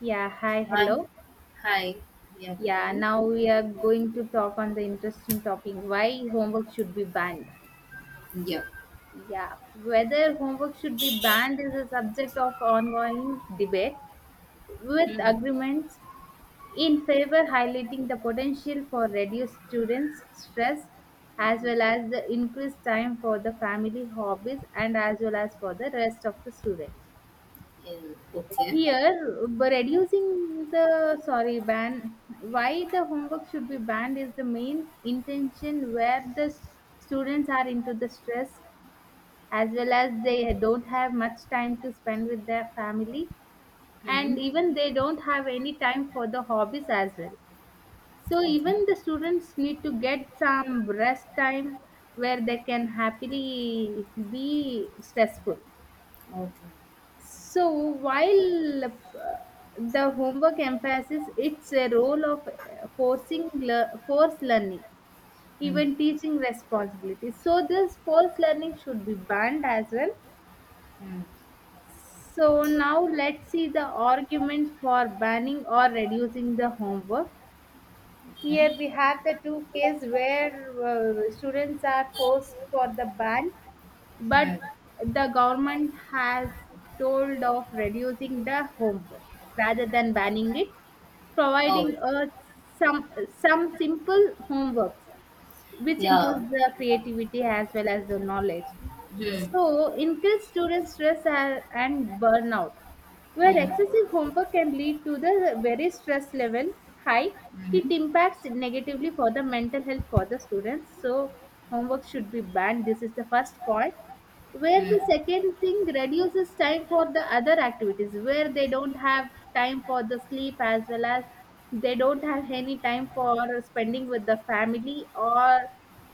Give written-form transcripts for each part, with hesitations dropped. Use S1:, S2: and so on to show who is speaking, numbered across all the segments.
S1: Yeah, hi,
S2: Hi,
S1: hello.
S2: hi, yeah,
S1: Yeah,
S2: mm,
S1: now we are going to talk on the interesting topic why homework should be banned.
S2: yeah,
S1: Yeah, whether homework should be banned is a subject of ongoing debate with
S2: Hmm.
S1: agreements in favor highlighting the potential for reduced students' stress as well as the increased time for the family hobbies and as well as for the rest of the students.
S2: mm, okay,
S1: Here, by reducing the sorry ban, why the homework should be banned is the main intention where the students are into the stress as well as they don't have much time to spend with their family, and
S2: Hmm.
S1: even they don't have any time for the hobbies as well. So
S2: okay,
S1: even the students need to get some rest time where they can happily be stressful.
S2: okay,
S1: So while the homework emphasizes its a role of forcing forced learning,
S2: Hmm.
S1: even teaching responsibilities. So this forced learning should be banned as well.
S2: Hmm.
S1: So now let's see the arguments for banning or reducing the homework. Here we
S2: okay,
S1: have the two cases where students are forced for the ban, but
S2: Hmm.
S1: the government has told of reducing the homework rather than banning it,
S2: oh,
S1: providing some some simple homeworks which
S2: yeah,
S1: improves the creativity as well as the knowledge.
S2: Hmm.
S1: So, increased student stress and burnout, where
S2: Hmm.
S1: excessive homework can lead to the very stress level high. It
S2: Hmm.
S1: impacts negatively for the mental health for the students. So, homework should be banned. This is the first point where
S2: Hmm.
S1: the second thing reduces time for the other activities, where they don't have time for the sleep as well as they don't have any time for spending with the family or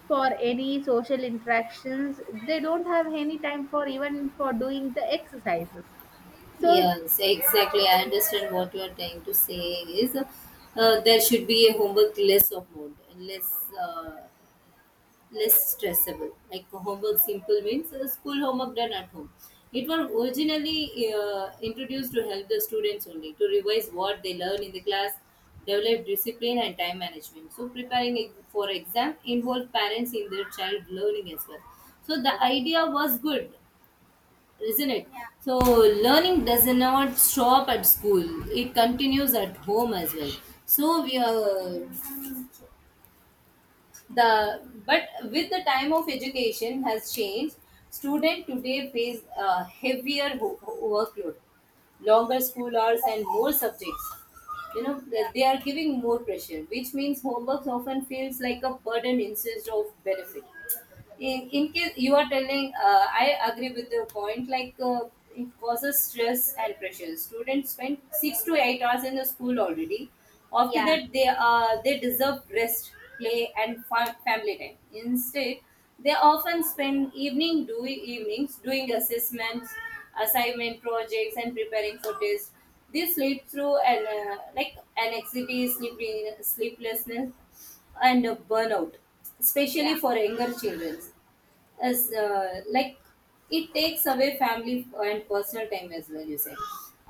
S1: for any social interactions, they don't have any time for even for doing the exercises so.
S2: Yes, exactly. I understand what you are trying to say is, there should be a homework less of mode, uh, less stressable. Like homework simple means school homework done at home. It was originally introduced to help the students only to revise what they learn in the class, develop discipline and time management. So preparing for exam involved parents in their child learning as well. So the idea was good, isn't it? So learning does not stop at school; it continues at home as well. So we are the but with the time of education has changed, students today face a heavier workload, longer school hours and more subjects. You know,
S1: Yeah,
S2: they are giving more pressure, which means homework often feels like a burden instead of benefit. In case you are telling, I agree with your point. It causes stress and pressure. Students spend 6 to 8 hours in the school already. After
S1: yeah,
S2: that, they deserve rest, play and family time. Instead, they often spend evenings doing assessments, assignment, projects and preparing for tests. They sleep through and, like, anxiety, sleeping, sleeplessness and, burnout,
S1: yeah,
S2: especially for younger children. As like It takes away family and personal time as well. You say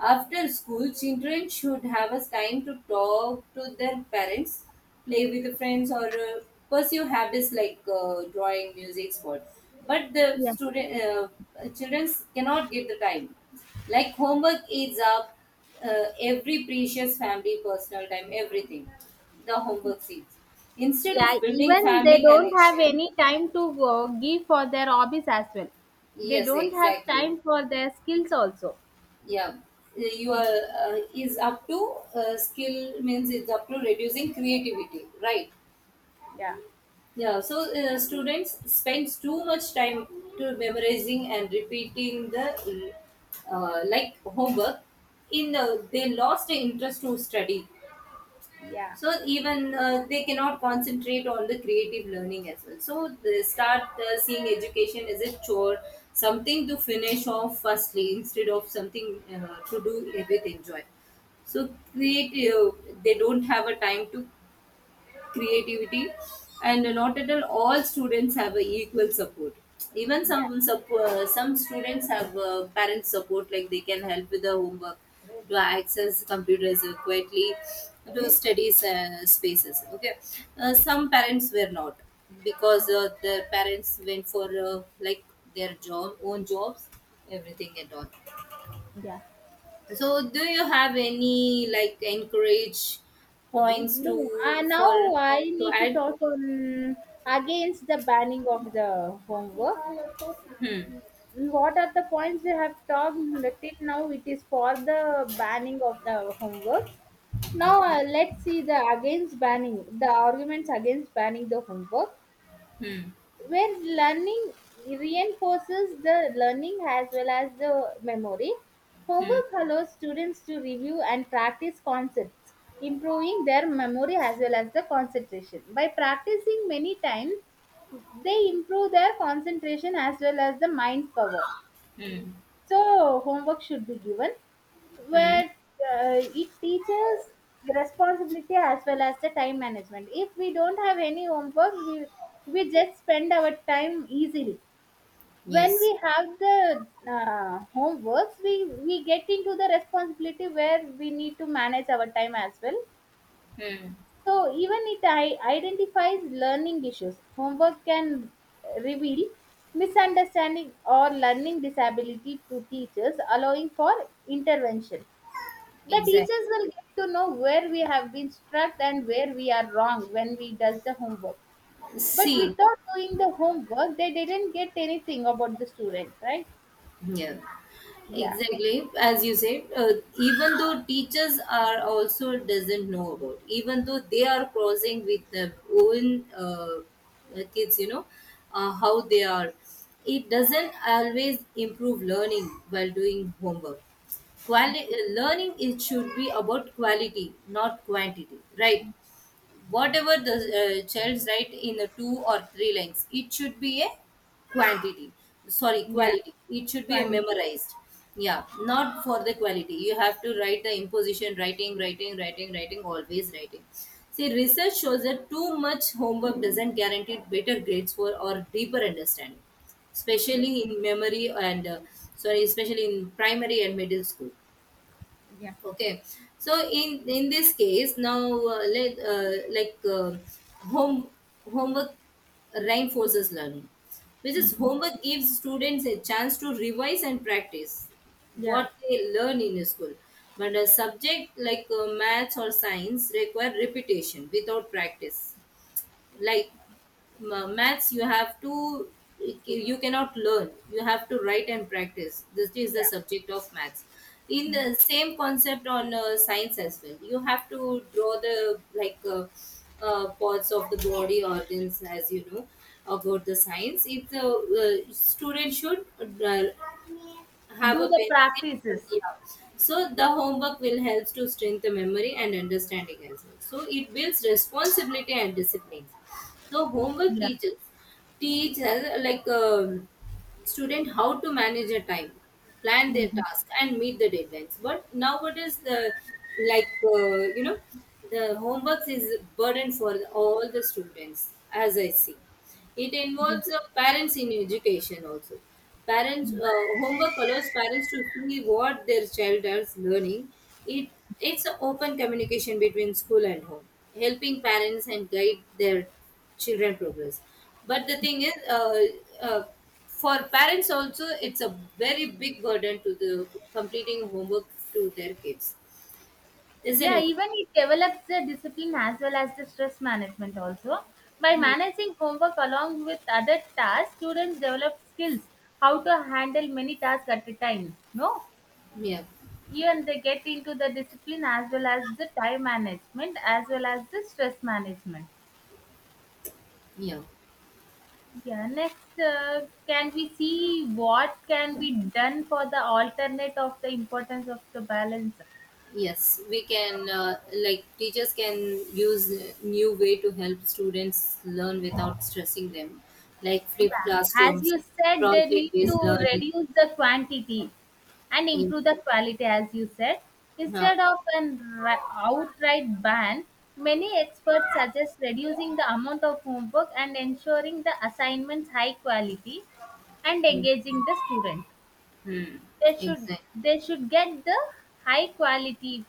S2: after school, children should have a time to talk to their parents, play with friends, or pursue habits like drawing, music, sport. But the
S1: yeah,
S2: student children cannot get the time. Like homework eats up every precious family personal time, everything. The homework seats instead
S1: yeah,
S2: of building
S1: even they
S2: family
S1: don't have
S2: connection.
S1: any time to give for their hobbies as well. They
S2: Yes,
S1: don't have
S2: exactly.
S1: time for their skills also.
S2: Yeah. you
S1: Mm,
S2: are is up to Skill means it's up to reducing creativity, right?
S1: yeah.
S2: Yeah. So, students spends too much time to memorizing and repeating the, like, homework. In They lost the interest to study.
S1: Yeah.
S2: So even, they cannot concentrate on the creative learning as well. So they start, seeing education as a chore, something to finish off firstly instead of something to do with enjoy. So creative They don't have a time to creativity. And not at all students have a equal support. Even
S1: Yeah.
S2: some students have parent support, like they can help with the homework, to access computers quietly, to studies spaces, okay. Some parents were not, because their parents went for, like, their job own jobs, everything and all.
S1: Yeah.
S2: So do you have any like encourage points
S1: No,
S2: to, for,
S1: now I
S2: to
S1: need to
S2: add?
S1: talk on against the banning of the homework.
S2: Hmm.
S1: What are the points we have talked till now? It is for the banning of the homeworks. Now
S2: Okay.
S1: let's see the against banning, the arguments against banning the homework.
S2: Hmm.
S1: Where learning reinforces the learning as well as the memory.
S2: Hmm.
S1: Homework allows students to review and practice concepts, improving their memory as well as the concentration. By practicing many times, they improve their concentration as well as the mind power.
S2: Hmm.
S1: So homework should be given,
S2: Hmm.
S1: where it teaches the responsibility as well as the time management. If we don't have any homeworks, we just spend our time easily. When
S2: Yes.
S1: we have the homeworks, we get into the responsibility where we need to manage our time as well.
S2: Hmm.
S1: So even it identifies learning issues. Homework can reveal misunderstanding or learning disability to teachers, allowing for intervention. The
S2: Exactly.
S1: teachers will get to know where we have been struck and where we are wrong when we does the homework. But
S2: See,
S1: without doing the homework, they didn't get anything about the student, right?
S2: yeah,
S1: Yeah.
S2: exactly. As you said, even though teachers are also doesn't know about, even though they are crossing with their own, kids, you know, how they are, it doesn't always improve learning while doing homework. Learning, it should be about quality, not quantity, right? Whatever the child's write in the two or three lines, it should be a quantity, sorry,
S1: Yeah,
S2: quality. It should be a
S1: quality.
S2: memorized. Yeah. Not for the quality you have to write the imposition, writing, writing, writing, writing, always writing. See, research shows that too much homework doesn't guarantee better grades for or deeper understanding,
S1: Yeah,
S2: especially in memory and, sorry, especially in primary and middle school.
S1: yeah,
S2: Okay. So in this case, now, let like home homework reinforces learning, which is homework gives students a chance to revise and practice
S1: yeah.
S2: what they learn in school. But a subject like maths or science require repetition without practice. Like, maths you have to, you cannot learn, you have to write and practice. This is the
S1: Yeah.
S2: subject of maths. In the same concept on science as well, you have to draw the, parts of the body organs. As you know about the science, if the student should, uh-huh, have
S1: Do
S2: a
S1: the
S2: pencil.
S1: practices.
S2: Yeah. So the homework will help to strengthen memory and understanding as well. So it builds responsibility and discipline. So homework
S1: Yeah.
S2: teaches teach like student how to manage their time, plan their
S1: Mm.
S2: task, and meet the deadlines. But nowadays, the, like, you know, the homeworks is a burden for all the students, as I see. It involves parents in education also. Parents Homework allows parents to see what their child is learning. It it's an open communication between school and home, helping parents and guide their children progress. But the thing is, uh, for parents also, it's a very big burden to the completing homework to their kids, isn't
S1: Yeah,
S2: it?
S1: even it develops the discipline as well as the stress management also. By managing homework along with other tasks, students develop skills how to handle many tasks at a time, no?
S2: Yeah,
S1: Even they get into the discipline as well as the time management as well as the stress management.
S2: yeah.
S1: Yeah, next, can we see what can be done for the alternate of the importance of the balance?
S2: Yes, we can, like, teachers can use new way to help students learn without stressing them, like flip
S1: Yeah, as
S2: classrooms,
S1: you said, they
S2: project
S1: need to
S2: based learning.
S1: reduce the quantity and
S2: In,
S1: improve the quality, as you said.
S2: uh,
S1: Instead of an outright ban, many experts suggest reducing the amount of homework and ensuring the assignments high quality and
S2: mm,
S1: engaging the student.
S2: mm,
S1: They should
S2: exactly.
S1: they should get the high quality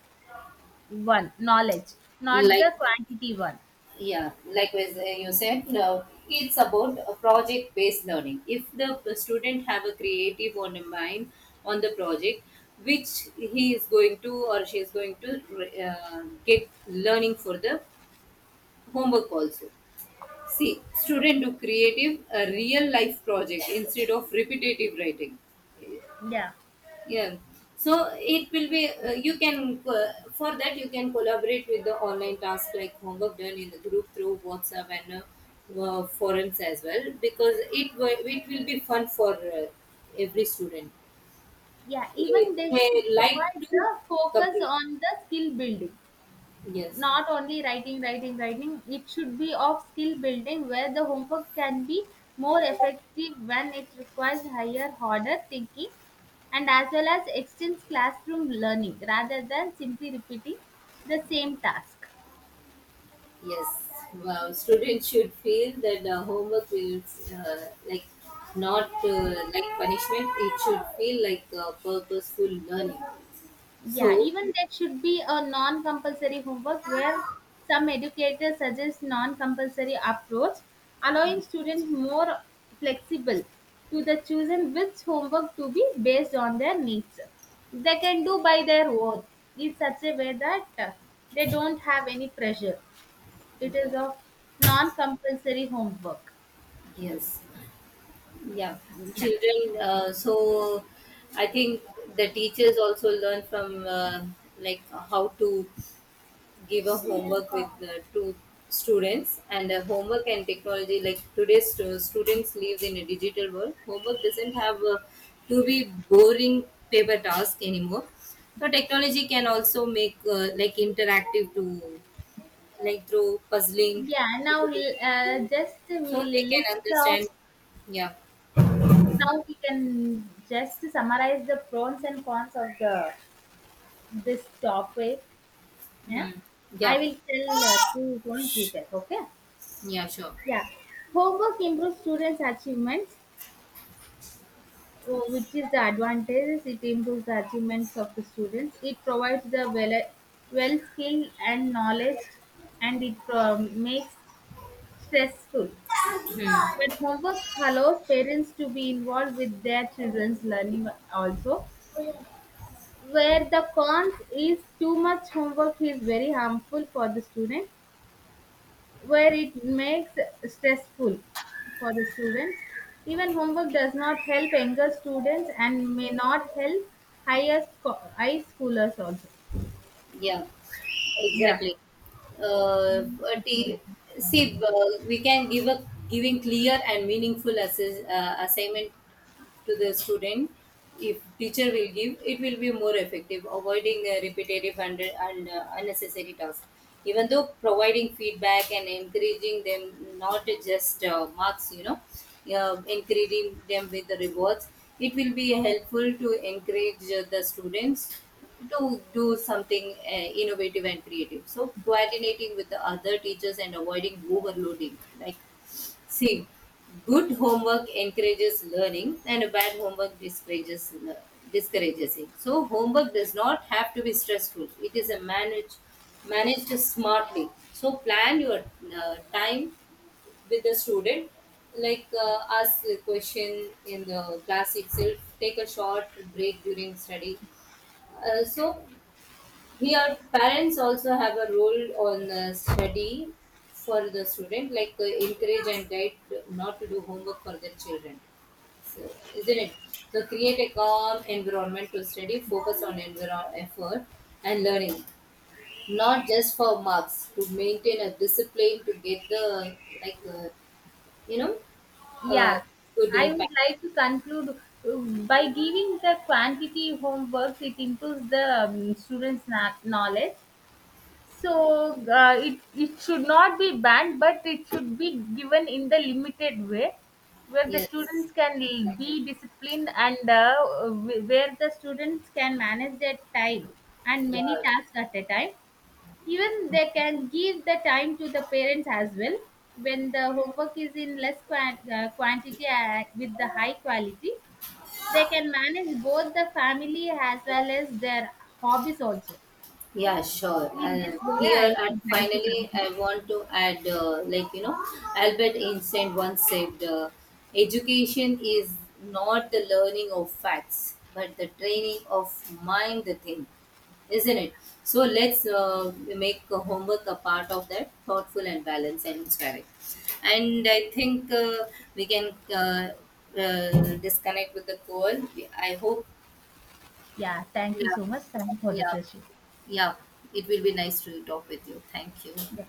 S1: one knowledge, not
S2: Like,
S1: the quantity one.
S2: yeah, likewise you said, no. It's about project based learning. If the student have a creative on a mind on the project, which he is going to or she is going to get learning for the homework also. See, student do creative, a real life project instead of repetitive writing.
S1: Yeah.
S2: Yeah. So it will be, you can, for that, you can collaborate with the online task, like homework done in the group through WhatsApp and, forums as well, because it, it will be fun for every student.
S1: Yeah,
S2: If
S1: even they should
S2: they like
S1: provide
S2: to
S1: the focus
S2: complete.
S1: on the skill building,
S2: Yes.
S1: not only writing, writing, writing, it should be of skill building where the homework can be more effective when it requires higher, harder thinking and as well as extends classroom learning rather than simply repeating the same task.
S2: Yes, wow. Students should feel that the homework will, like, not like punishment. It should feel like purposeful learning.
S1: Yeah,
S2: So,
S1: even there should be a non-compulsory homework where some educators suggest non-compulsory approach,
S2: Hmm.
S1: allowing students more flexible to the choosing which homework to be based on their needs. They can do by their own in such a way that they don't have any pressure. It is
S2: yeah,
S1: of non-compulsory homework.
S2: yes, yeah.
S1: Yeah,
S2: Children. So, I think the teachers also learn from, like, how to give a homework with the two students and, homework and technology, like today's students live in a digital world. Homework doesn't have to be boring paper task anymore. So technology can also make, like, interactive to, like, through puzzling,
S1: yeah. Now
S2: computation games,
S1: just
S2: so
S1: we'll
S2: they can
S1: list off
S2: understand. Yeah.
S1: now we can just summarize the pros and cons of the this topic. Yeah,
S2: Mhm.
S1: I
S2: Yeah.
S1: will tell 2 points, you tell, okay.
S2: Yeah, sure.
S1: Yeah. Homework improves students' achievements, oh, which is the advantage. It improves the achievements of the students. It provides the well, well skill and knowledge, and it makes stressful. But homework allows parents to be involved with their children's learning also. Where the cons is too much homework is very harmful for the student, where it makes stressful for the students. Even homework does not help younger students and may not help higher high schoolers also.
S2: Yeah,
S1: Yeah.
S2: exactly. Uh, but
S1: Yeah.
S2: i- See, we can give a giving clear and meaningful assignment to the student. If teacher will give, it will be more effective, avoiding repetitive and unnecessary tasks. Even though providing feedback and encouraging them not just marks, you know, encouraging them with the rewards, it will be helpful to encourage the students to do something innovative and creative. So coordinating with the other teachers and avoiding overloading, like, see, good homework encourages learning and a bad homework discourages it. So homework does not have to be stressful. It is a managed smartly. So plan your time with the student, like, ask a question in the class itself, take a short break during study. uh, so Here, parents also have a role on study for the student, like, encourage and guide not to do homework for their children. So, isn't it? So, create a calm environment to study, focus on effort and learning, not just for marks. To maintain a discipline to get the, like, you know, uh,
S1: Yeah,
S2: good
S1: I would
S2: impact.
S1: like to conclude, by giving the quantity homeworks it improves the students knowledge. So it should not be banned, but it should be given in the limited way, where the
S2: Yes,
S1: students can be
S2: exactly.
S1: disciplined and where the students can manage their time and
S2: Yeah.
S1: many tasks at a time. Even they can give the time to the parents as well when the homework is in less quantity with the high quality. They can manage both the family as well as their hobbies also.
S2: Yeah, sure.
S1: In this
S2: And
S1: way,
S2: here
S1: I
S2: at
S1: would like to
S2: finally, I
S1: conclude.
S2: want to add, like, you know, Albert Einstein once said, "Education is not the learning of facts, but the training of mind to think." Isn't it? So let's make homework a part of that, thoughtful and balanced and inspiring. And I think we can disconnect with the call. I hope.
S1: Yeah, thank you
S2: Yeah.
S1: so much, Sam, for the
S2: Yeah.
S1: session.
S2: Yeah, it will be nice to talk with you. Thank you.
S1: Yeah.